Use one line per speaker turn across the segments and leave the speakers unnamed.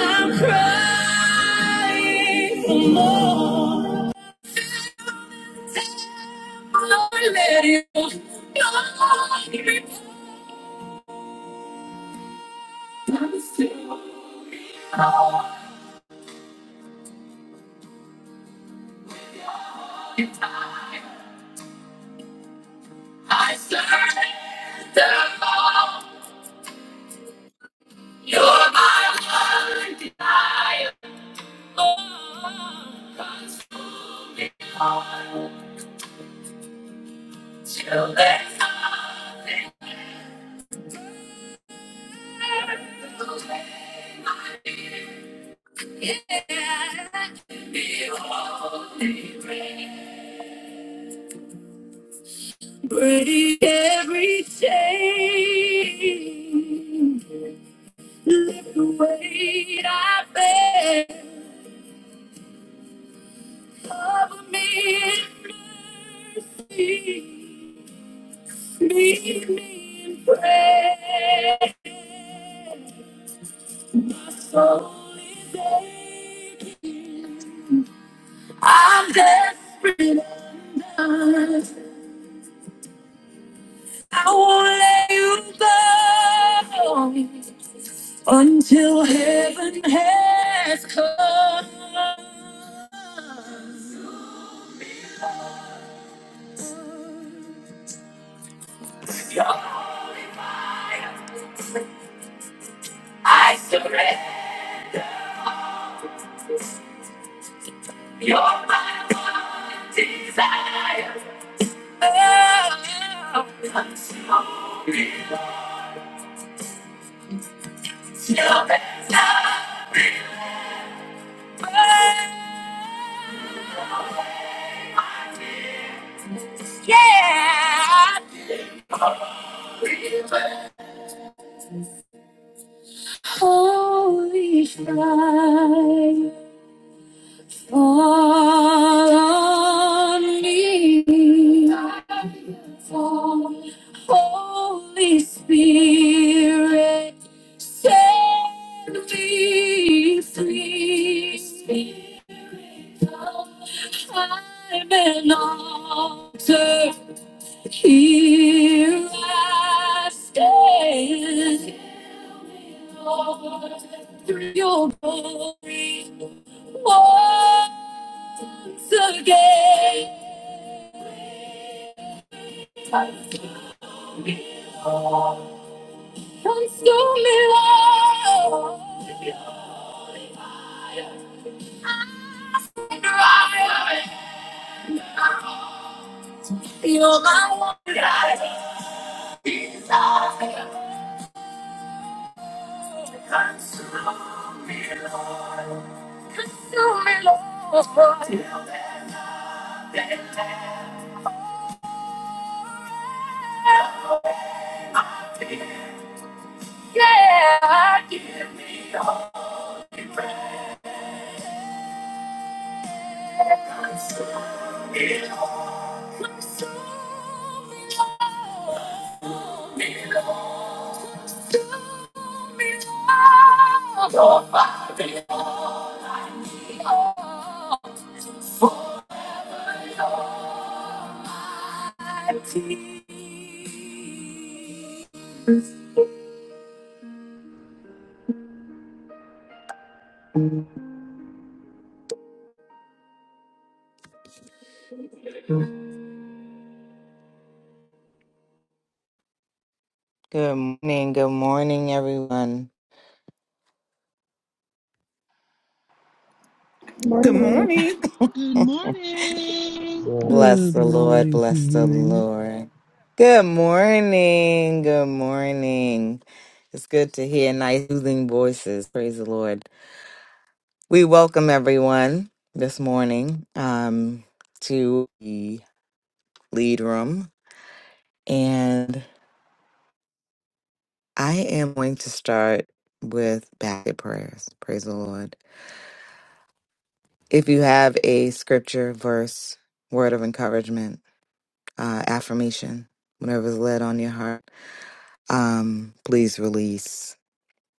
I'm crying for more. Lord, let it go. I surrender all. You're my one desire. Oh, consume me all till there's nothing left to lay my head. Yeah, behold the rain. Break every chain. Lift the weight I bear. Cover me in mercy. Meet me in prayer. My soul is aching. I'm desperate and done. I won't let you go. until heaven has come. You're holy fire, I surrender your my one desire. Oh, it's your best time. Yeah. Holy fire, fall on me. Fall. Holy Spirit, set me free. I'm an altar. Here I stand, Lord, through your glory once again. Consume me, Lord. You're my one desire. Consume me, Lord. Yeah, I do. Good morning, good morning, everyone.
Good
Morning.
morning.
Well,
Bless
Good
the Lord,
morning to
bless the
you.
Lord. Good morning, good morning. It's good to hear nice soothing voices. Praise the Lord. We welcome everyone this morning um, to the lead room. And I am going to start with basket prayers. Praise the Lord. If you have a scripture, verse, word of encouragement, uh, affirmation, whatever is led on your heart, um, please release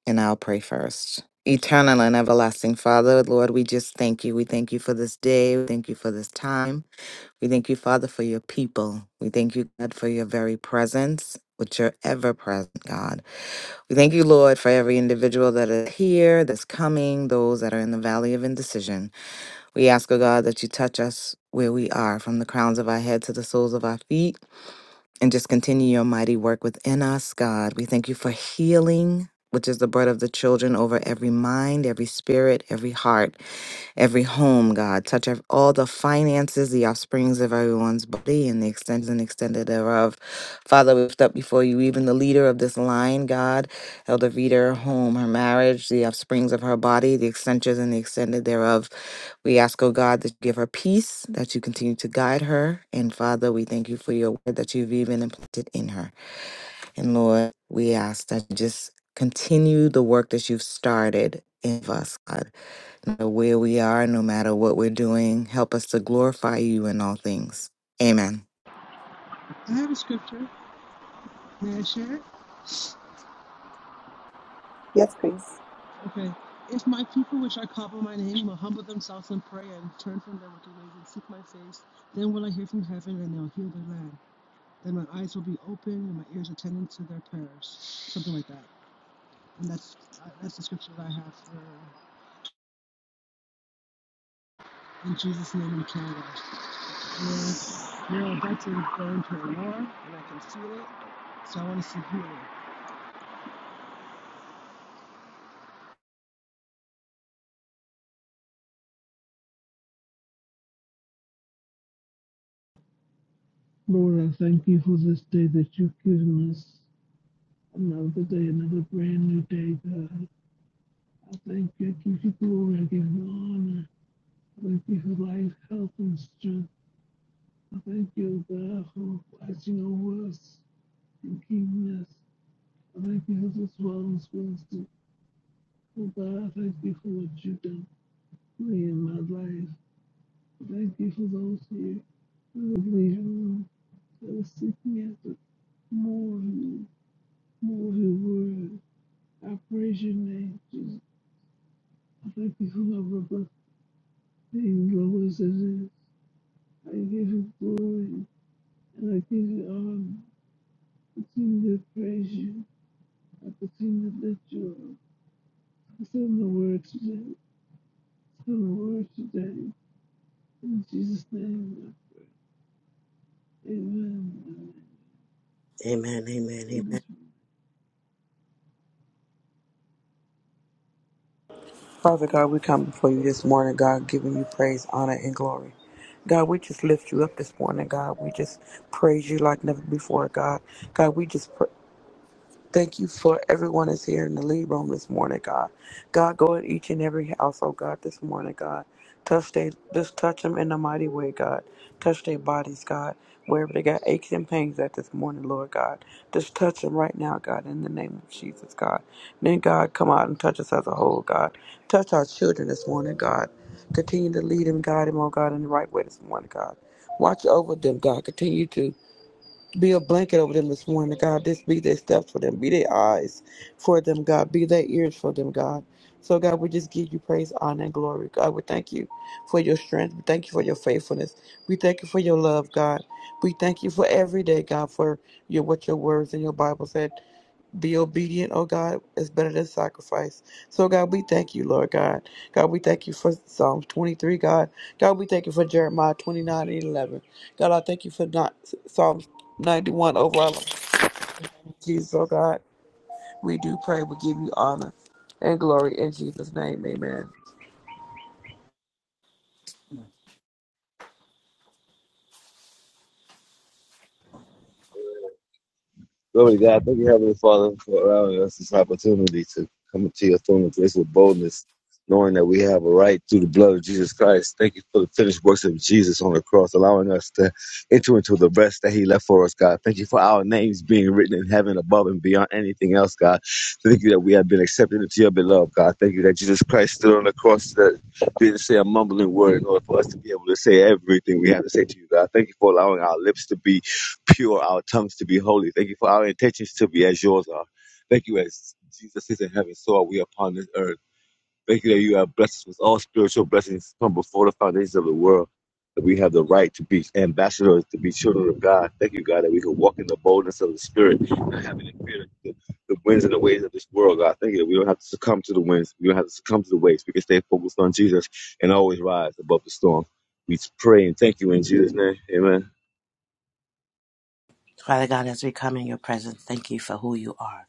and I'll pray first. Eternal and everlasting Father, Lord, we just thank you. We thank you for this day. We thank you for this time. We thank you, Father, for your people. We thank you, God, for your very presence, which you're ever present, God. We thank you, Lord, for every individual that is here, that's coming, those that are in the valley of indecision. We ask, oh God, that you touch us where we are, from the crowns of our head to the soles of our feet, and just continue your mighty work within us, God. We thank you for healing. Which is the bread of the children over every mind, every spirit, every heart every home, God. Touch ev- all the finances, the offsprings of everyone's body, and the extended and extended thereof. Father, we lift up before you even the leader of this line, God, Elder Vita, her home, her marriage, the offsprings of her body, the extensions and the extended thereof. We ask, oh God, that you give her peace, that you continue to guide her. And Father, we thank you for your word that you've even implanted in her. And Lord, we ask that you just continue the work that you've started in us, God no matter where we are, no matter what we're doing. Help us to glorify you in all things. Amen.
Yes, please.
Lord, I thank you for this day that you've given us. Another day, another brand new day, God. I thank you. I give you glory. I give you honor. I thank you for life, health, and strength. I thank you, God, for watching over us and keeping us. I thank you for this wellness Wednesday. Oh, God, I thank you for what you've done for me in my life. I thank you for those here who have leaving, that are seeking after more of you. Holy word. I praise your name, Jesus. I thank you for my brother being glorious as it is. I give you glory and I give you honor. I continue to praise you. I continue to lift you up. I send the word today. I Send the word today. In Jesus' name, amen.
Amen, amen, amen.
Father God, we come before you this morning, God, giving you praise, honor, and glory. God, we just lift you up this morning, God. We just praise you like never before, God. God, we just pr- Thank you for everyone that's here in the lead room this morning, God. God, go in each and every household, God, this morning, God. Touch they, just touch them in a mighty way, God. Touch their bodies, God. Wherever they got aches and pains at this morning, Lord God. Just touch them right now, God, in the name of Jesus, God. Then, God, come out and touch us as a whole, God. Touch our children this morning, God. Continue to lead them, guide them, oh God, in the right way this morning, God. Watch over them, God. Continue to be a blanket over them this morning, God. This be their steps for them. Be their eyes for them, God. Be their ears for them, God. So, God, we just give you praise, honor, and glory. God, we thank you for your strength. We thank you for your faithfulness. We thank you for your love, God. We thank you for every day, God, for your what your words in your Bible said be obedient, oh God, is better than sacrifice. So, God, we thank you, Lord God. God, we thank you for Psalms 23, God. God, we thank you for Jeremiah 29 and 11. God, I thank you for not, Psalms 91 over our life. Jesus, oh God, we do pray. We give you honor and glory in Jesus' name. Amen.
Glory to God. Thank you, Heavenly Father, for allowing us this opportunity to come to your throne of grace with boldness, knowing that we have a right through the blood of Jesus Christ. Thank you for the finished works of Jesus on the cross, allowing us to enter into the rest that He left for us, God. Thank you for our names being written in heaven above and beyond anything else, God. Thank you that we have been accepted into your beloved, God. Thank you that Jesus Christ stood on the cross that didn't say a mumbling word in order for us to be able to say everything we have to say to you, God. Thank you for allowing our lips to be pure, our tongues to be holy. Thank you for our intentions to be as yours are. Thank you as Jesus is in heaven, so are we upon this earth. Thank you that you have blessed us with all spiritual blessings from before the foundations of the world. That we have the right to be ambassadors, to be children of God. Thank you, God, that we can walk in the boldness of the Spirit, not having the fear of the, the winds and the waves of this world, God. Thank you that we don't have to succumb to the winds. We don't have to succumb to the waves. We can stay focused on Jesus and always rise above the storm. We pray and thank you in Jesus' name. Amen.
Father God, as we come in your presence, thank you for who you are.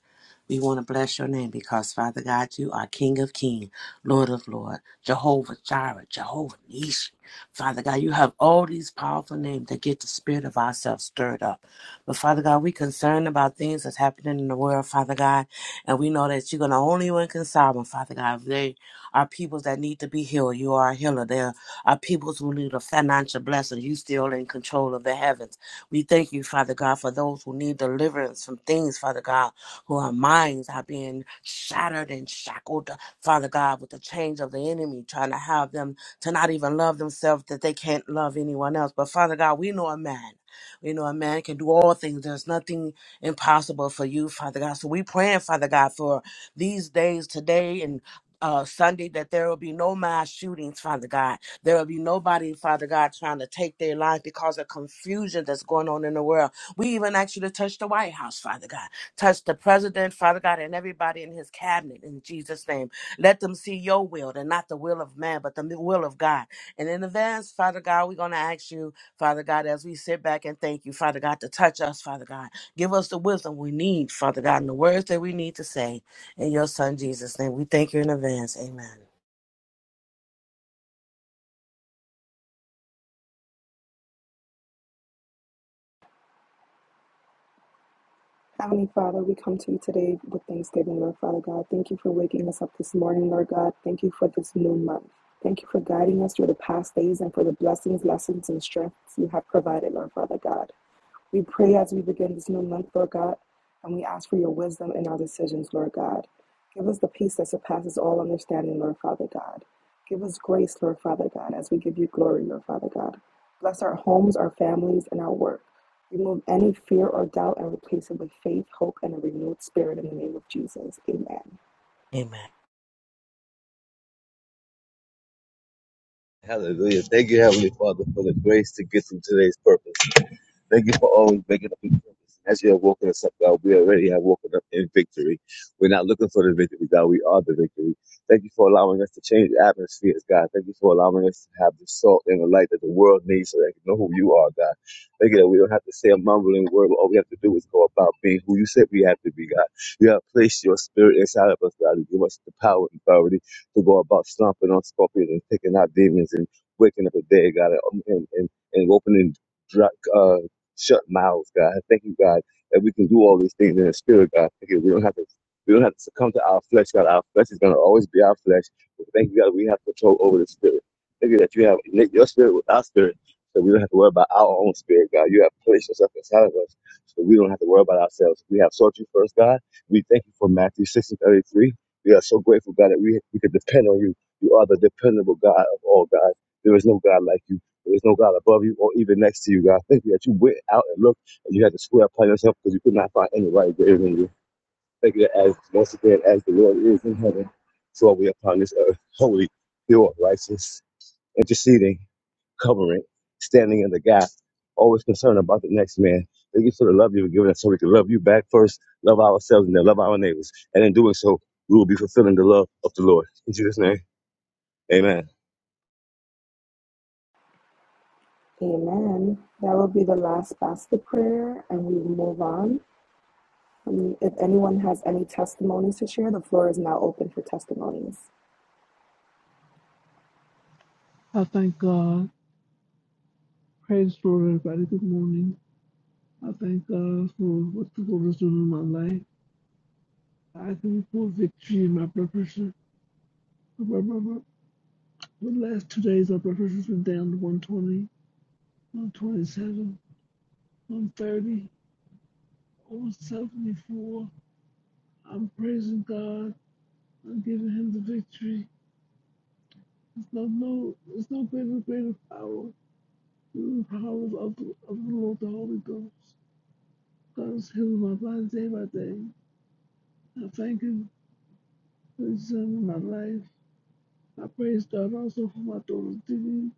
We want to bless your name because, Father God, you are King of Kings, Lord of Lord, Jehovah Jireh, Jehovah Nishi. Father God, you have all these powerful names that get the spirit of ourselves stirred up. But Father God, we concerned about things that's happening in the world, Father God, and we know that you're going to only one can solve them, Father God. They are peoples that need to be healed. You are a healer. There are peoples who need a financial blessing. You still in control of the heavens. We thank you, Father God, for those who need deliverance from things, Father God, who our minds are being shattered and shackled, Father God, with the chains of the enemy, trying to have them to not even love themselves that they can't love anyone else. But Father God, we know a man. We know a man can do all things. There's nothing impossible for you, Father God. So we praying, Father God, for these days today and uh, Sunday that there will be no mass shootings, Father God there will be nobody, Father God, trying to take their life because of confusion that's going on in the world. We even ask you to touch the White House, Father God. Touch the president, Father God, and everybody in his cabinet in Jesus' name. Let them see your will and not the will of man, but the will of God. And in advance, Father God, we're going to ask you, Father God, as we sit back and thank you, Father God, to touch us, Father God. Give us the wisdom we need, Father God, and the words that we need to say. In your Son, Jesus' name, we thank you in advance. Amen.
Heavenly Father, we come to you today with thanksgiving, Lord Father God. Thank you for waking us up this morning, Lord God. Thank you for this new month. Thank you for guiding us through the past days and for the blessings, lessons, and strengths you have provided, Lord Father God. We pray as we begin this new month, Lord God, and we ask for your wisdom in our decisions, Lord God. Give us the peace that surpasses all understanding, Lord Father God. Give us grace, Lord Father God, as we give you glory, Lord Father God. Bless our homes, our families, and our work. Remove any fear or doubt and replace it with faith, hope, and a renewed spirit in the name of Jesus. Amen.
Amen.
Hallelujah. Thank you, Heavenly Father, for the grace to get through today's purpose. Thank you for always waking up in purpose. And As you have woken us up, God, we already have woken up in victory. We're not looking for the victory, God. We are the victory. Thank you for allowing us to change atmospheres, God. Thank you for allowing us to have the salt and the light that the world needs so they can know who you are, God. Thank you that we don't have to say a mumbling word, but all we have to do is go about being who you said we have to be, God. You have placed your spirit inside of us, God, to give us the power and authority to go about stomping on scorpions and taking out demons and waking up a day, God, and, and, and opening dry, uh, shut mouths, God. I Thank you, God, that we can do all these things in the spirit, God. Thank you. We don't have to we don't have to succumb to our flesh, God. Our flesh is gonna always be our flesh. But thank you, God, we have control over the spirit. Thank you that you have knit your spirit with our spirit. So we don't have to worry about our own spirit, God. You have placed yourself inside of us. So we don't have to worry about ourselves. We have sought you first, God. We thank you for Matthew six and thirty three. We are so grateful, God, that we we can depend on you. You are the dependable God of all God. There is no God like you. There is no God above you or even next to you, God. Thank you that you went out and looked and you had to square upon yourself because you could not find anybody greater than you. Thank you that as once again, as the Lord is in heaven, so are we upon this earth, holy, pure, righteous, interceding, covering, standing in the gap, always concerned about the next man. Thank you for the love you've given us so we can love you back first, love ourselves, and then love our neighbors. And in doing so, we will be fulfilling the love of the Lord. In Jesus' name, amen.
Amen. That will be the last basket prayer, and we will move on. Um, if anyone has any testimonies to share, the floor is now open for testimonies.
I thank God. Praise the Lord, everybody. Good morning. I thank God for what the Lord is doing in my life. I can pull victory in my blood pressure. My, my, my, The last two days our blood pressure's were down to 120, 127, 130, over 74. I'm praising God. I'm giving him the victory. There's no, no, there's no greater, greater power than the power of the, of the Lord, the Holy Ghost. God is healing my body day by day. I thank him for his son in my life. I praise God also for my daughter, Diddy.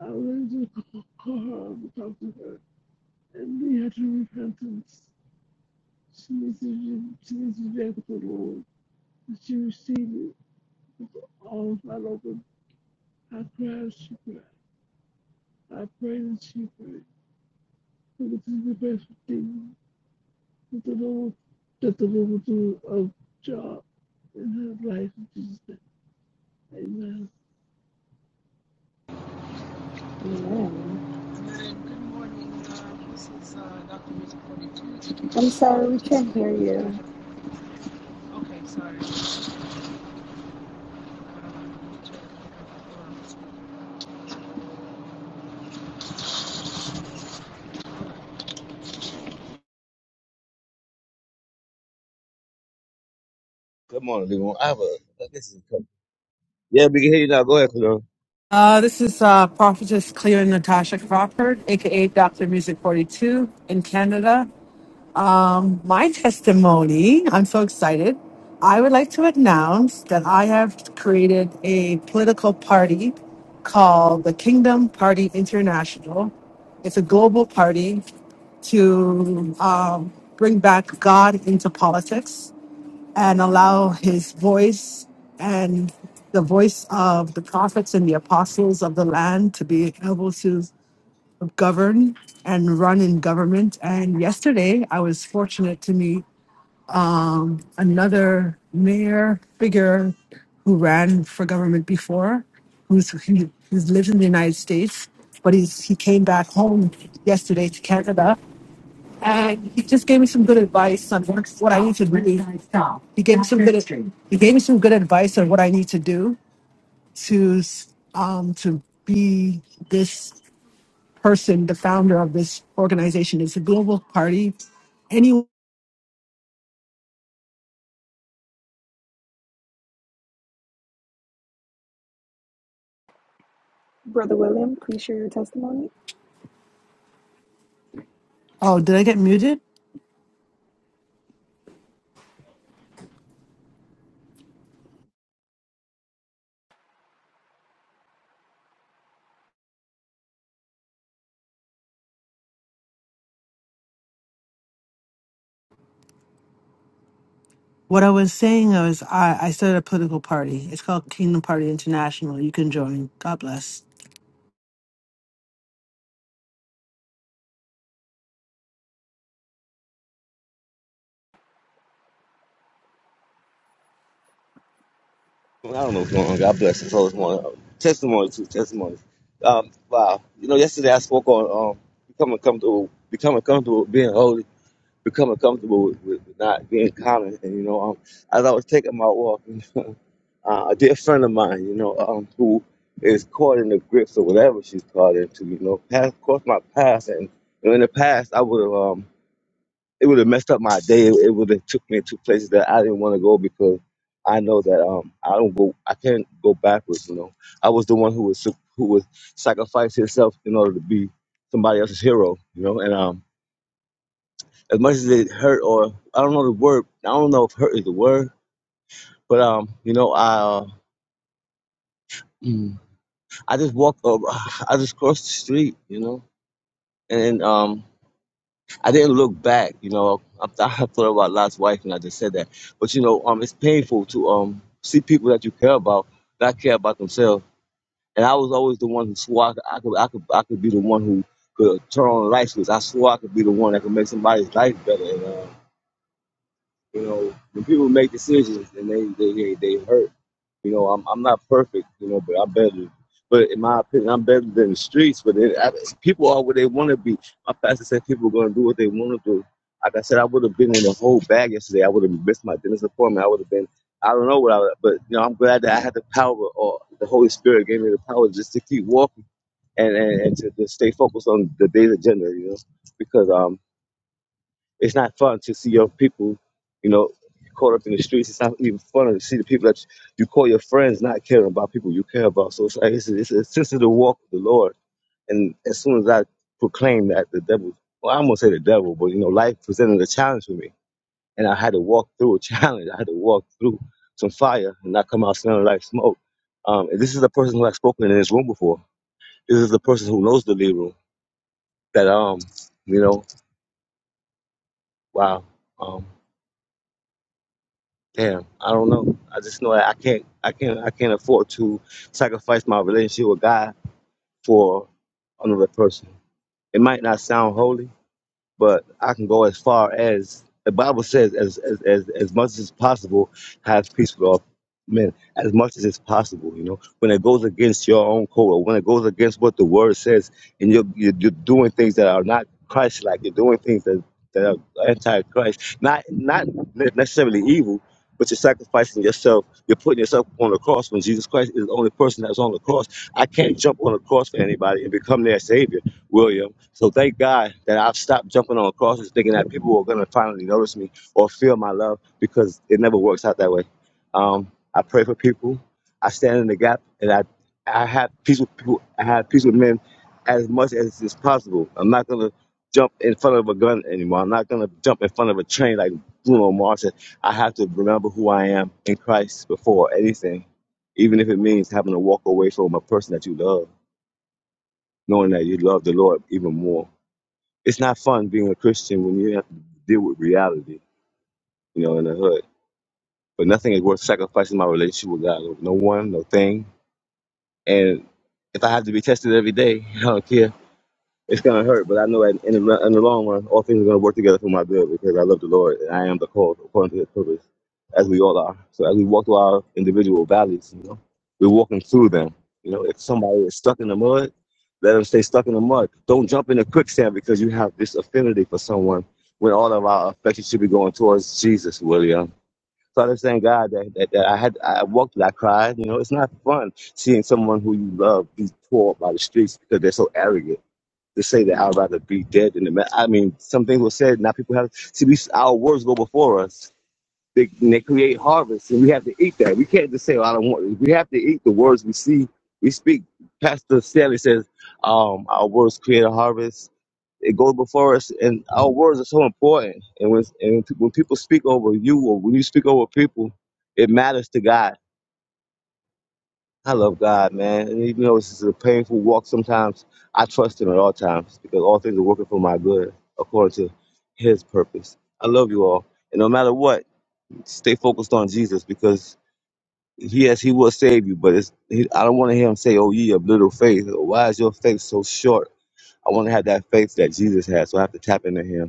I went to call her and talk to her and lead her to repentance. Jesus is Jesus the Lord. She received it with arms wide open. I cried, she cried. I prayed and she prayed. But this is the best thing that the Lord that the Lord will do a job in her life in Jesus' name. Amen.
Amen. I'm sorry we can't hear you.
Good morning, Levon. I have a, I guess it's a, yeah, we can hear you now. Go ahead, Fernando.
Uh, this is uh, Prophetess Cleo Natasha Crawford, aka Dr. Music 42 in Canada. My testimony, I'm so excited. I would like to announce that I have created a political party called the Kingdom Party International. It's a global party to um, bring back God into politics and allow his voice and the voice of the prophets and the apostles of the land to be able to govern and run in government. And yesterday, I was fortunate to meet um, another mayor figure who ran for government before, who's he, who's lived in the United States, but he's he came back home yesterday to Canada and he just gave me some good advice on what, what I need to do. He gave me some good he gave me some good advice on what I need to do to um to be this person, the founder of this organization. It's a global party. Any
Brother William, please share your testimony.
oh, did I get muted?
I don't know what's going on. God bless us all this morning. Uh, Testimony too, testimonies. Um, wow. You know, yesterday I spoke on um, becoming comfortable, becoming comfortable with being holy, becoming comfortable with, with not being common. And you know, um, as I was taking my walk, uh, a dear friend of mine, you know, um, who is caught in the grips or whatever she's caught into, you know, passed across my past, and you know, in the past I would have. um, it would have messed up my day. It, would have took me to places that I didn't want to go because I know that um I don't go I can't go backwards. You know, I was the one who was who was sacrifice himself in order to be somebody else's hero. You know, and um as much as it hurt or I don't know the word I don't know if hurt is the word, but um you know I uh, mm, I just walked over I just crossed the street. You know, and um I didn't look back, you know. I, I thought about Lot's wife, and I just said that. But you know, um, it's painful to um see people that you care about not care about themselves. And I was always the one who swore I could, I could, I could, I could be the one who could turn on the light switch. I swore I could be the one that could make somebody's life better. And uh, you know, when people make decisions and they they they, they hurt. You know, I'm I'm not perfect. You know, but I'm better. But in my opinion, I'm better than the streets. But it, I, people are where they want to be. My pastor said people are going to do what they want to do. Like I said, I would have been in a whole bag yesterday. I would have missed my dentist appointment. I would have been. I don't know what I. would- But you know, I'm glad that I had the power, or the Holy Spirit gave me the power just to keep walking and and, and to, to stay focused on the day's agenda. You know, because um it's not fun to see your people, you know, caught up in the streets. It's not even fun to see the people that you call your friends not caring about people you care about. So it's like it's, it's a sensitive walk with the Lord. And as soon as I proclaimed that, the devil, well, I'm gonna say the devil, but you know, life presented a challenge for me, and I had to walk through a challenge. I had to walk through some fire and not come out smelling like smoke. Um, and this is the person who I've spoken in this room before. This is the person who knows the lead room. That um, you know, wow. Um, Damn, I don't know. I just know that I can't, I can't, I can't afford to sacrifice my relationship with God for another person. It might not sound holy, but I can go as far as the Bible says, as as as, as much as possible, have peace with all men, as much as it's possible. You know, when it goes against your own code, or when it goes against what the Word says, and you're you're, you're doing things that are not Christ-like, you're doing things that that are anti-Christ, not not necessarily evil. But you're sacrificing yourself. You're putting yourself on the cross when Jesus Christ is the only person that's on the cross. I can't jump on the cross for anybody and become their savior William. So thank God that I've stopped jumping on crosses thinking that people are going to finally notice me or feel my love because it never works out that way. Um, I pray for people. I stand in the gap and I, I have peace with people. I have peace with men as much as is possible. I'm not going to jump in front of a gun anymore. I'm not going to jump in front of a train like Bruno Mars. said. I have to remember who I am in Christ before anything, even if it means having to walk away from a person that you love, knowing that you love the Lord even more. It's not fun being a Christian when you have to deal with reality, you know, in the hood. But nothing is worth sacrificing my relationship with God. over. No one, no thing. And if I have to be tested every day, I don't care. It's gonna hurt, but I know that in, the, in the long run, all things are gonna work together for my good because I love the Lord and I am the called according to His purpose, as we all are. So as we walk through our individual valleys, you know, we're walking through them. You know, if somebody is stuck in the mud, let them stay stuck in the mud. Don't jump in the quicksand because you have this affinity for someone when all of our affection should be going towards Jesus, William. So I just thank God that, that, that I had I walked and I cried. You know, it's not fun seeing someone who you love be tore up by the streets because they're so arrogant to say that I'd rather be dead than the man. I mean, some things were said. Now people have see we, our words go before us. They, they create harvest, and we have to eat that. We can't just say, well, "I don't want." it." We have to eat the words we see, we speak. Pastor Stanley says, um, "Our words create a harvest." It goes before us, and our words are so important. And when and when people speak over you, or when you speak over people, it matters to God I love God, man. And even though this is a painful walk sometimes, I trust Him at all times because all things are working for my good according to His purpose. I love you all. And no matter what, stay focused on Jesus because, yes, He will save you, but it's, he, I don't want to hear Him say, Oh, ye of little faith. Or, Why is your faith so short? I want to have that faith that Jesus has, so I have to tap into Him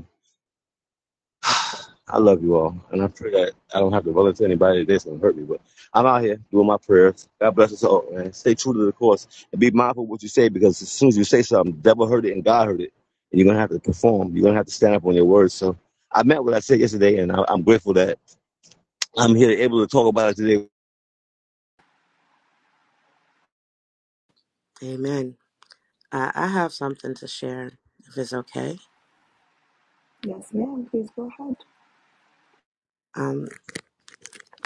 I love you all, and I pray that I don't have to run into anybody that's gonna hurt me. But I'm out here doing my prayers. God bless us all, man. Stay true to the course and be mindful of what you say because as soon as you say something, the devil heard it and God heard it, and you're gonna have to perform. You're gonna have to stand up on your words. So I meant what I said yesterday, and I, I'm grateful that I'm here able to talk about it today.
Amen. I, I have something to share, if it's okay.
Yes, ma'am. Please go ahead.
Um,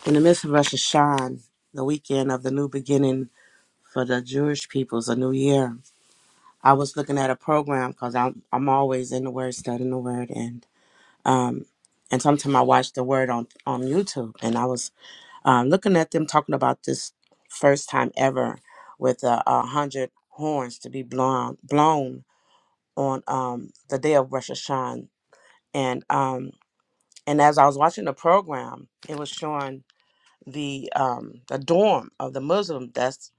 in the midst of Rosh Hashanah, the weekend of the new beginning for the Jewish peoples, a new year, I was looking at a program because I'm I'm always in the Word, studying the Word, and um, and sometimes I watch the Word on on YouTube, and I was um, looking at them talking about this first time ever with a, a hundred horns to be blown blown on um, the day of Rosh Hashanah, and um, and as I was watching the program, it was showing the um the dorm of the Muslim. That's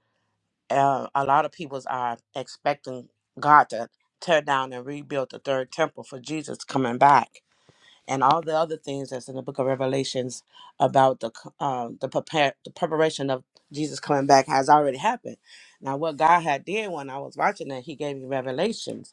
uh, a lot of people are expecting God to tear down and rebuild the third temple for Jesus coming back, and all the other things that's in the Book of Revelations about the c- uh, the prepare the preparation of Jesus coming back has already happened. Now, what God had did when I was watching that, He gave me revelations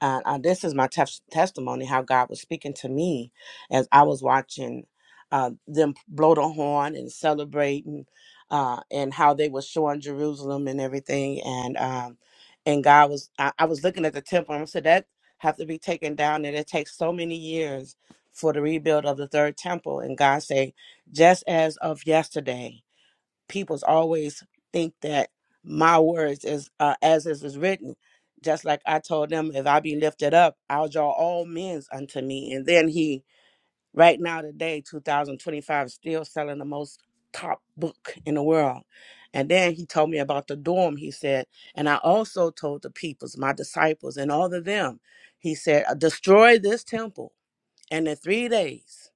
and uh, this is my tes- testimony how God was speaking to me as I was watching uh, them blow the horn and celebrating, uh, and how they were showing Jerusalem and everything. And um, and God was, I, I was looking at the temple and I said that have to be taken down, and it takes so many years for the rebuild of the third temple. And God say, just as of yesterday people's always think that my words is uh, as is is written. Just like I told them, if I be lifted up, I'll draw all men's unto me. And then he, right now today, 2025, still selling the most top book in the world. And then he told me about the dorm, he said, and I also told the peoples, my disciples, and all of them, he said, "Uh, destroy this temple, and in three days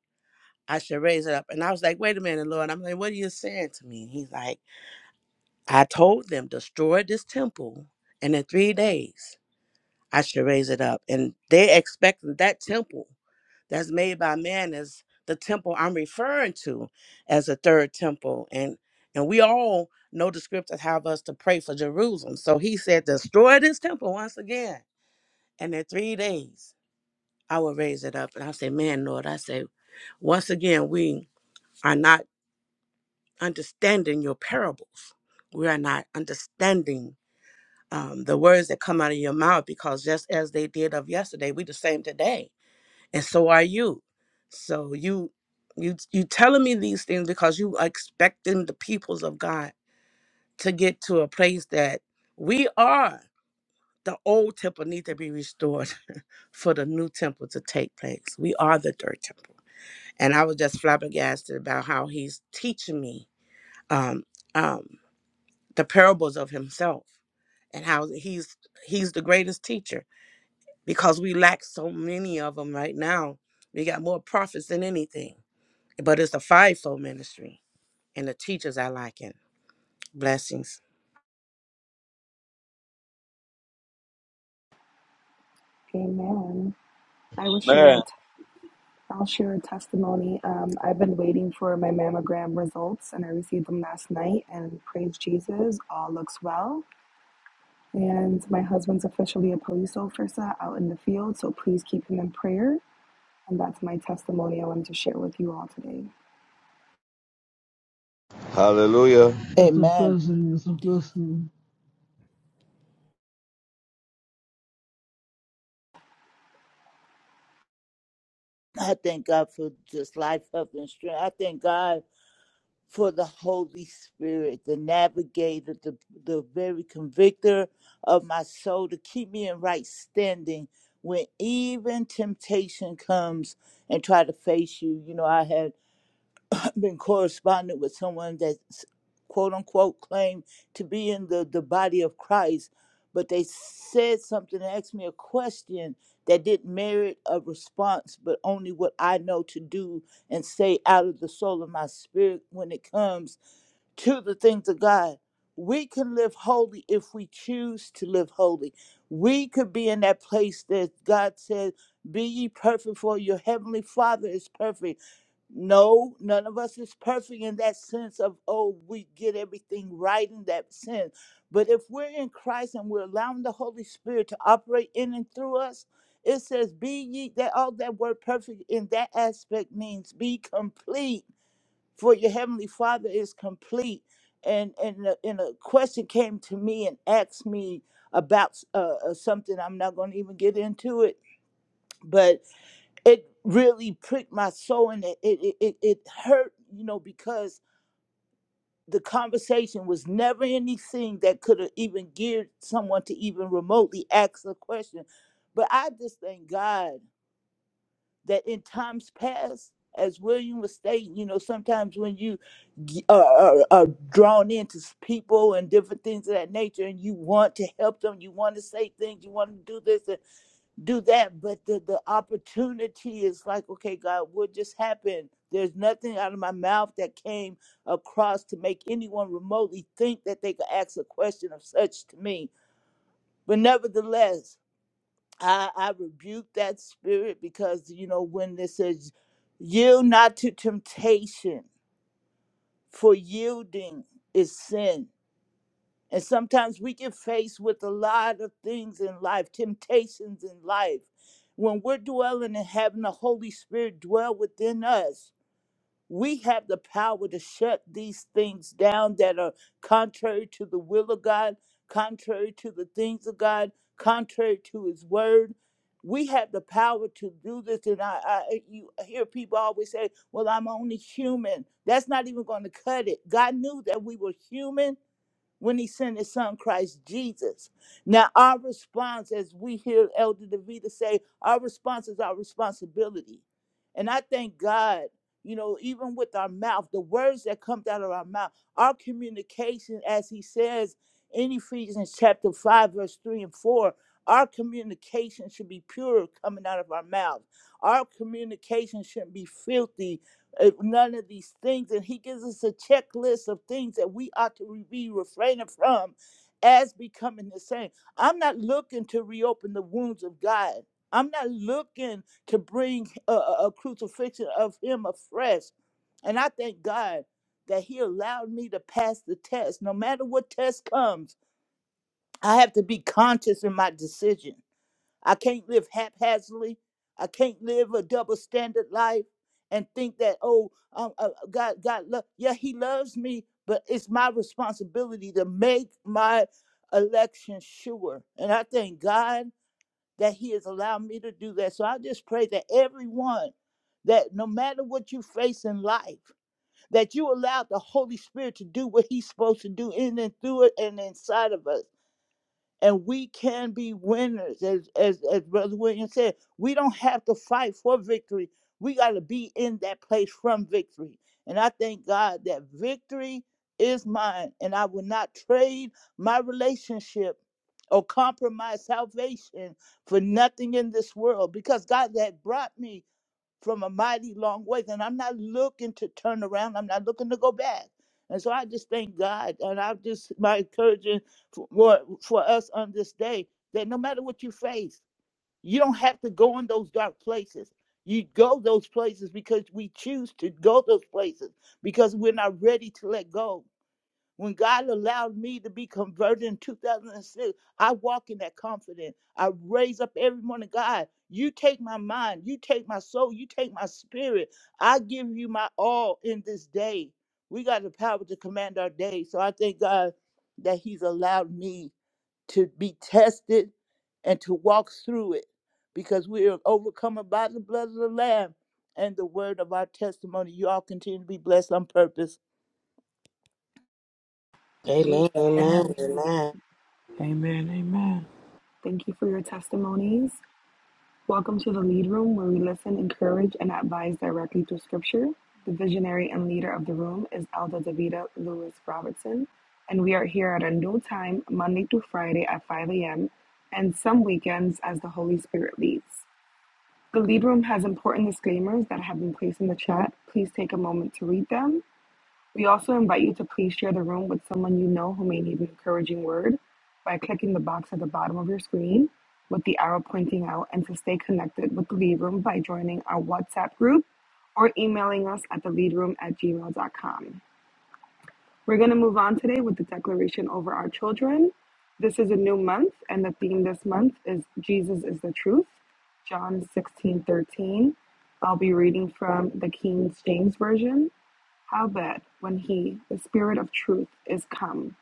I should raise it up. And I was like, wait a minute, Lord. I'm like, what are you saying to me? He's like, I told them, destroy this temple, and in three days I should raise it up. And they expect that temple that's made by man is the temple I'm referring to as a third temple. And and we all know the scriptures have us to pray for Jerusalem. So he said, destroy this temple once again, and in three days I will raise it up. And I said, man, Lord, I say, once again we are not understanding your parables. We are not understanding um, the words that come out of your mouth because just as they did of yesterday we the same today and so are you so you you you telling me these things because you are expecting the peoples of god to get to a place that we are the old temple need to be restored for the new temple to take place we are the third temple and i was just flabbergasted about how he's teaching me um um the parables of himself and how he's he's the greatest teacher because we lack so many of them right now. We got more prophets than anything, but it's the fivefold ministry, and the teachers I liking. Blessings.
Amen. I will share. A
Amen.
t- I'll share a testimony. Um, I've been waiting for my mammogram results, and I received them last night. And praise Jesus, all looks well. And my husband's officially a police officer out in the field, so please keep him in prayer. And that's my testimony I wanted to share with you all today.
Hallelujah.
That's a
Amen.
blessing, it's a blessing.
I thank God for just life, health, and strength. I thank God for the Holy Spirit, the navigator, the, the very convictor of my soul to keep me in right standing when even temptation comes and try to face you. You know, I had been corresponding with someone that quote unquote claimed to be in the, the body of Christ, but they said something and asked me a question that didn't merit a response, but only what I know to do and say out of the soul of my spirit when it comes to the things of God. We can live holy if we choose to live holy. We could be in that place that God said, Be ye perfect, for your heavenly Father is perfect no, none of us is perfect in that sense of, oh, we get everything right in that sense. But if we're in Christ and we're allowing the Holy Spirit to operate in and through us, it says, be ye that all that word perfect in that aspect means be complete, for your heavenly Father is complete. And and a- and a question came to me and asked me about uh, uh, something I'm not going to even get into it, but it really pricked my soul and it, it, it, it it hurt, you know, because the conversation was never anything that could have even geared someone to even remotely ask a question. But I just thank God that in times past, as William was stating, you know, sometimes when you g- uh, are, are, are drawn into s- people and different things of that nature, and you want to help them, you want to say things, you want to do this do that but the the opportunity is like okay god what just happened there's nothing out of my mouth that came across to make anyone remotely think that they could ask a question of such to me but nevertheless i i rebuke that spirit because you know when this says yield not to temptation for yielding is sin And sometimes we get faced with a lot of things in life, temptations in life. When we're dwelling and having the Holy Spirit dwell within us, we have the power to shut these things down that are contrary to the will of God, contrary to the things of God, contrary to His Word. We have the power to do this, and I, I you hear people always say, "Well, I'm only human." That's not even going to cut it. God knew that we were human, when he sent his son Christ Jesus. Now, our response, as we hear Elder DeVita say, our response is our responsibility. And I thank God, you know, even with our mouth, the words that come out of our mouth, our communication, as he says in Ephesians chapter 5, verse 3 and 4, our communication should be pure coming out of our mouth. Our communication shouldn't be filthy uh, none of these things. And he gives us a checklist of things that we ought to re- be refraining from as becoming the same. I'm not looking to reopen the wounds of God. I'm not looking to bring a, a a crucifixion of him afresh. And I thank God that he allowed me to pass the test. No matter what test comes, I have to be conscious in my decision. I can't live haphazardly. I can't live a double standard life and think that oh um, uh, God God love yeah He loves me, but it's my responsibility to make my election sure. And I thank God that He has allowed me to do that. So I just pray that everyone that no matter what you face in life, that you allow the Holy Spirit to do what He's supposed to do in and through it and inside of us and we can be winners. As, as, as Brother William said, we don't have to fight for victory. We got to be in that place from victory. And I thank God that victory is mine, and I will not trade my relationship or compromise salvation for nothing in this world because God had brought me from a mighty long way. And I'm not looking to turn around. I'm not looking to go back. And so I just thank God. And I just my encouragement for for for us on this day that no matter what you face, you don't have to go in those dark places. You go those places because we choose to go those places because we're not ready to let go. When God allowed me to be converted in 2006, I walk in that confidence. I raise up every morning, God, you take my mind, you take my soul, you take my spirit. I give you my all in this day. We got the power to command our day. So I thank God that He's allowed me to be tested and to walk through it because we are overcome by the blood of the Lamb and the word of our testimony. You all continue to be blessed on purpose.
Amen,
Amen.
Amen.
amen, amen,
Amen. Amen.
Thank you for your testimonies. Welcome to the Lead Room, where we listen, encourage, and advise directly through Scripture. The visionary and leader of the room is Elder Davida Lewis Robertson, and we are here at a new time, Monday to Friday at 5 a.m., and some weekends as the Holy Spirit leads. The Lead Room has important disclaimers that have been placed in the chat. Please take a moment to read them. We also invite you to please share the room with someone you know who may need an encouraging word by clicking the box at the bottom of your screen with the arrow pointing out and to stay connected with the lead room by joining our WhatsApp group or emailing us at the leadroom at gmail.com. We're going to move on today with the declaration over our children. This is a new month, and the theme this month is Jesus is the truth, John 16:13. I'll be reading from the King James Version. Howbeit, when he, the Spirit of truth, is come,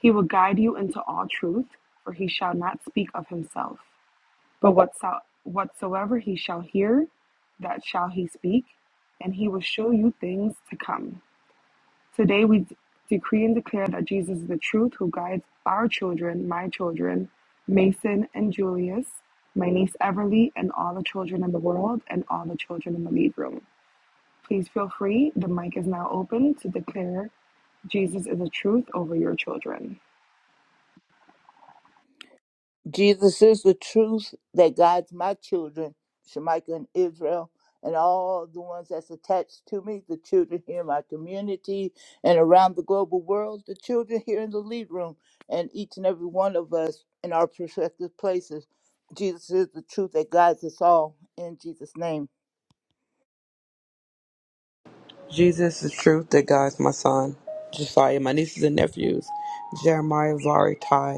he will guide you into all truth, for he shall not speak of himself. But whatso- whatsoever he shall hear, that shall he speak, and he will show you things to come. Today we d- decree and declare that Jesus is the truth who guides our children, my children, Mason and Julius, my niece Everly, and all the children in the world, and all the children in the lead room. Please feel free, the mic is now open to declare Jesus is the truth over your children.
Jesus is the truth that guides my children, Shemaiah and Israel, and all the ones that's attached to me, the children here in my community and around the global world, the children here in the lead room, and each and every one of us in our respective places. Jesus is the truth that guides us all in Jesus' name.
Jesus is truth that God's my son. Josiah, my nieces and nephews. Jeremiah, Vari, Ty.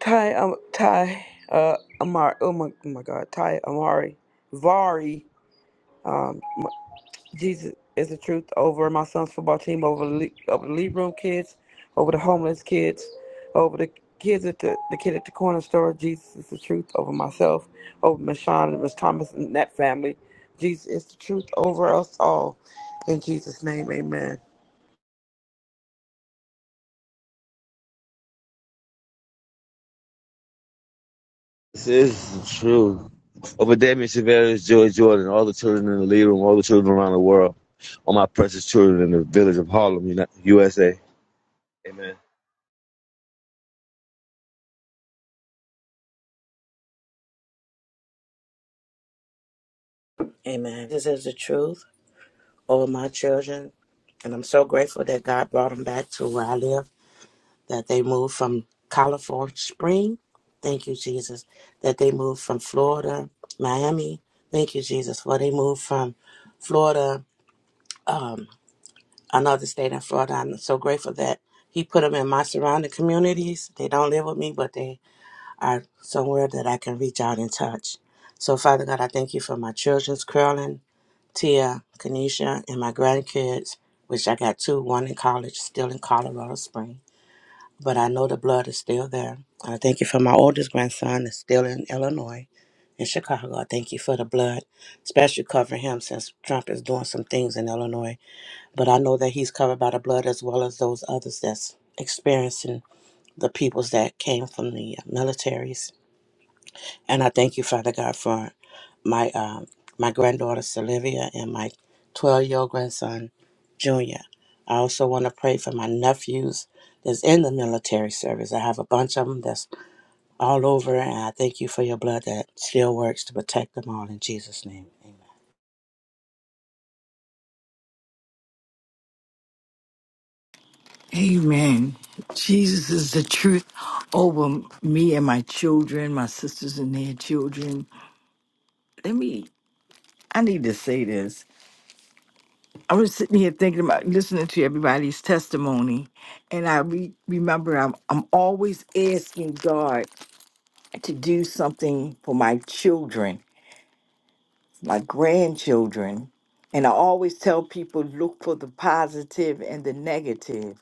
Ty um Ty uh Amari oh my oh my god Ty Amari Vari um my- Jesus is the truth over my son's football team over the le- over the lead room kids over the homeless kids over the kids at the the kid at the corner store Jesus is the truth over myself over Miss Shawn and Miss Thomas and that family Jesus is the truth over us all in Jesus name Amen.
This is the truth. Over Damien Severus, Joy Jordan, all the children in the lead room, all the children around the world, all my precious children in the village of Harlem, Uni- USA. Amen.
amen. This is the truth over my children, and I'm so grateful that God brought them back to where I live. That they moved from California Spring, thank you Jesus. That they moved from Florida, Miami, thank you Jesus. Well, they moved from Florida. um. another state in Florida. I'm so grateful that he put them in my surrounding communities. They don't live with me, but they are somewhere that I can reach out and touch. So, Father God, I thank you for my children's Carolyn, Tia, Kenesha, and my grandkids, which I got two, one in college, still in Colorado Springs. But I know the blood is still there. And I thank you for my oldest grandson, is still in Illinois, in Chicago. I thank you for the blood, especially covering him since Trump is doing some things in Illinois but I know that he's covered by the blood as well as those others that's experiencing the peoples that came from the uh, militaries. And I thank you, Father God, for my um, my granddaughter Sylvia and my 12 year old grandson Junior. I also want to pray for my nephews that's in the military service. I have a bunch of them that's all over, and I thank you for your blood that still works to protect them all. In Jesus' name,
Amen. Jesus is the truth over me and my children, my sisters and their children. Let me, I need to say this. I was sitting here thinking about listening to everybody's testimony, and I re- remember I'm, I'm always asking God to do something for my children, my grandchildren. And I always tell people look for the positive and the negative.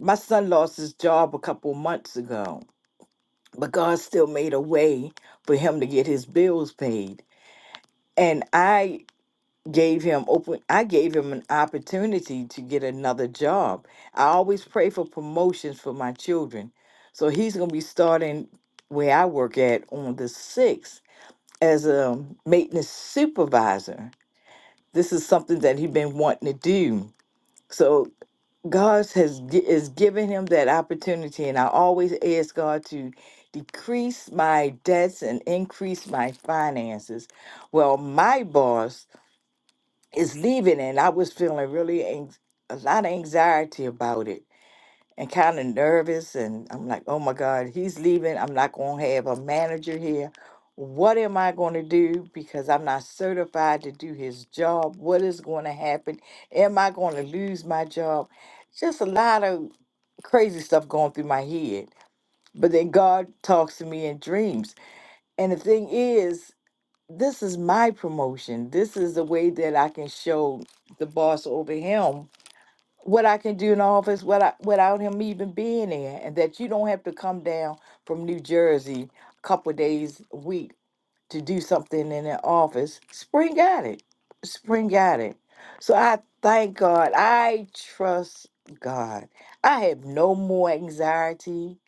My son lost his job a couple months ago but God still made a way for him to get his bills paid. And I gave him open I gave him an opportunity to get another job. I always pray for promotions for my children. So he's going to be starting where I work at on the 6th as a maintenance supervisor. This is something that he's been wanting to do. So God has gi- is giving him that opportunity, and I always ask God to decrease my debts and increase my finances. Well, my boss is leaving, and I was feeling really ang- a lot of anxiety about it and kind of nervous. And I'm like, oh my God, he's leaving. I'm not going to have a manager here. What am I going to do? Because I'm not certified to do his job. What is going to happen? Am I going to lose my job? just a lot of crazy stuff going through my head. But then God talks to me in dreams. And the thing is, this is my promotion. This is the way that I can show the boss over him what I can do in the office without, without him even being there. And that you don't have to come down from New Jersey a couple of days a week to do something in the office, spring got it. Spring got it. So I thank God. I trust God. I have no more anxiety.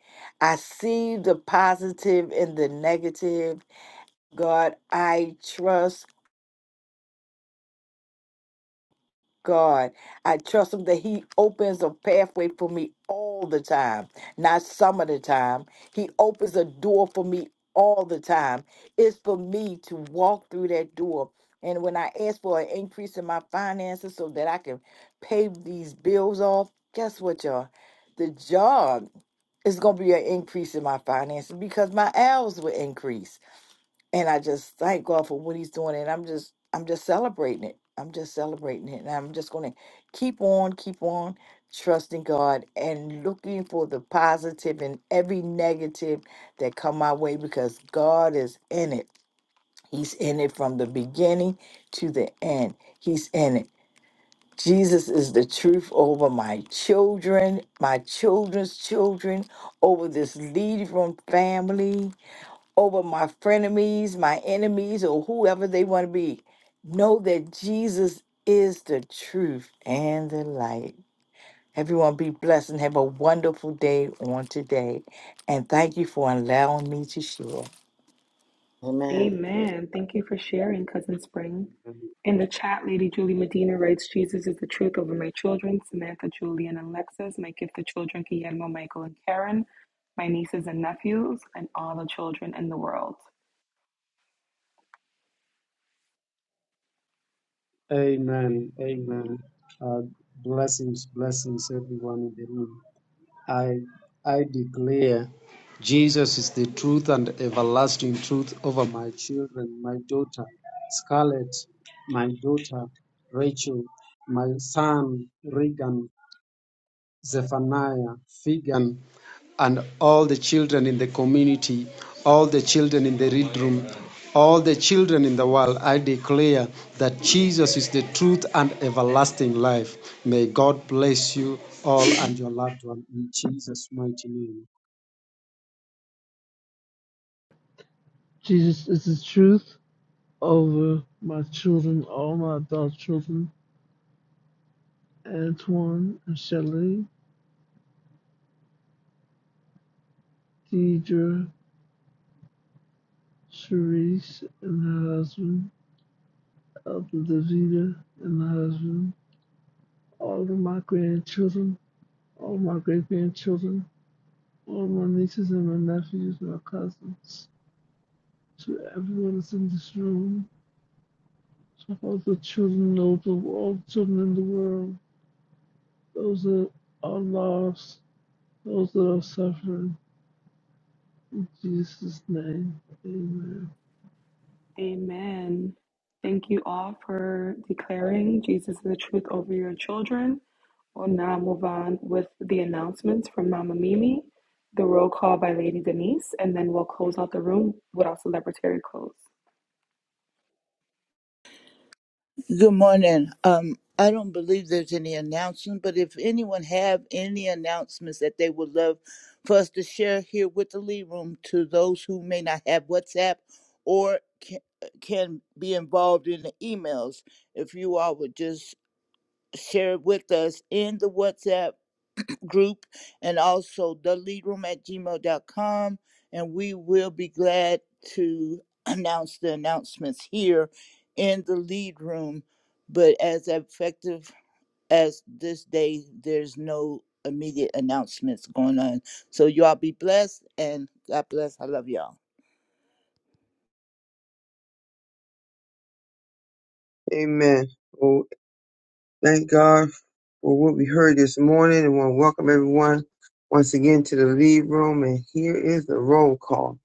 I see the positive and the negative. God, I trust. God. I trust him that he opens a pathway for me all the time, not some of the time. He opens a door for me all the time. It's for me to walk through that door. And when I ask for an increase in my finances so that I can pay these bills off, guess what, y'all? The job is going to be an increase in my finances because my hours will increase and I just thank God for what He's doing, and I'm just I'm just celebrating it. I'm just celebrating it, and I'm just going to keep on, keep on trusting God and looking for the positive in every negative that come my way because God is in it. He's in it from the beginning to the end. He's in it. Jesus is the truth over my children, my children's children, over this lead room family over my frenemies, my enemies, or whoever they want to be. Know that Jesus is the truth and the light. Everyone be blessed and have a wonderful day on today. And thank you for allowing me to share.
amen.
Amen. Thank you for sharing, Cousin Spring. In the chat, Lady Julie Medina writes, Jesus is the truth over my children, Samantha, Julian, and Alexis, my gifted children, Guillermo, Michael, and Karen, my nieces and nephews, and all the children in the world.
Amen. Amen. Uh, blessings, blessings, everyone in the room. I, I declare Jesus is the truth and everlasting truth over my children, my daughter Scarlett, my daughter Rachel, my son Regan, Zephaniah, Figan, and all the children in the community, all the children in the read room, all the children in the world, I declare that Jesus is the truth and everlasting life. May God bless you all and your loved one in Jesus' mighty name.
Jesus is the truth over my children, all my adult children, Antoine and Shelley, Deidre, Sharice, and her husband. Elder Davida and my husband, all of my grandchildren, all of my great grandchildren, all of my nieces and my nephews, my cousins, to everyone that's in this room, to all the children, all the, all the children in the world, those that are lost, those that are suffering. In Jesus' name, amen.
Amen. Thank you all for declaring Jesus is the truth over your children. We'll now move on with the announcements from Mama Mimi, the roll call by Lady Denise, and then we'll close out the room with our celebratory close.
Good morning. Um, I don't believe there's any announcement, but if anyone have any announcements that they would love for us to share here with the lead room to those who may not have WhatsApp or can, can be involved in the emails, if you all would just share it with us in the WhatsApp group and also the lead room at gmail dot com and we will be glad to announce the announcements here in the lead room but as effective as this day there's no immediate announcements going on so y'all be blessed and god bless i love y'all
Amen. Well, thank God for what we heard this morning, and want to welcome everyone once again to the lead room. And here is the roll call.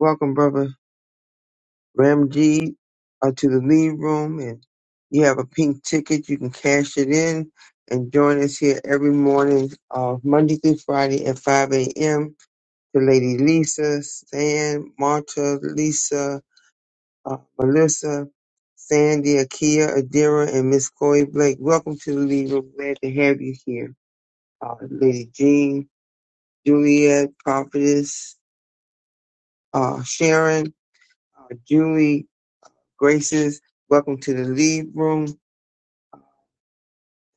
Welcome, brother Ramji, uh, to the lead room, and you have a pink ticket. You can cash it in and join us here every morning, uh, Monday through Friday at 5 a.m. To Lady Lisa, Stan, Marta, Lisa. uh, Melissa, Sandy, Akia, Adira, and Miss Chloe Blake. Welcome to the lead room. Glad to have you here. Uh, Lady Jean, Juliet, Prophetess, uh, Sharon, uh, Julie, Graces. Welcome to the lead room.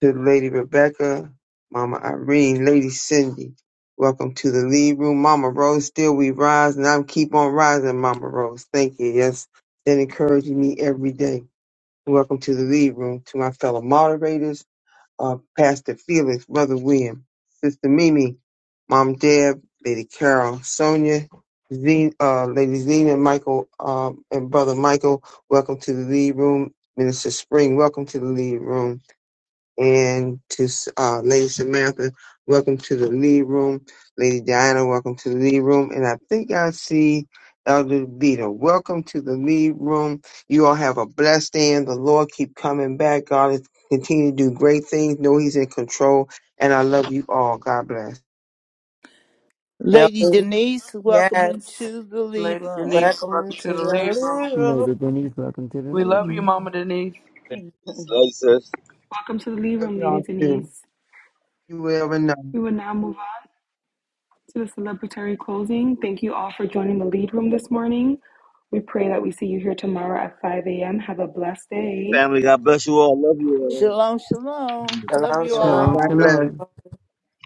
To Lady Rebecca, Mama Irene, Lady Cindy. Welcome to the lead room. Mama Rose, still we rise, and I'm keep on rising, Mama Rose. Thank you. Yes, that encourages me every day. Welcome to the lead room. To my fellow moderators, uh, Pastor Felix, Brother William, Sister Mimi, Mom Deb, Lady Carol, Sonia, Zen, uh, Lady Zena, Michael, um, and Brother Michael. Welcome to the lead room. Minister Spring, welcome to the lead room and to uh, Lady Samantha, welcome to the lead room. Lady Diana, welcome to the lead room. And I think I see Elder Vita. Welcome to the lead room. You all have a blessed day and the Lord keep coming back. God is continue to do great things. Know He's in control. And I love you all. God bless.
Amen.
lady
Hallelujah.
denise welcome
Yes.
into the lead
Lady
room
Denise,
Welcome
welcome
to
to the
the
lead room.
living room.
Lady Denise, welcome to the
We love you,
room.
Mama Denise.
Love you, sis.
Welcome to the lead
Love
room, Lady
y'all too.
Denise.
You ever know.
We will now move on to the celebratory closing. Thank you all for joining the lead room this morning. We pray that we see you here tomorrow at 5 a.m. Have a blessed day.
Family, God bless you all. Love
shalom shalom love
Love
Shalom,
you
God
shalom.
Shalom,
all
you all.
bless.
shalom.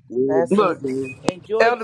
you
Blessings.
Look.
all.
enjoy
elder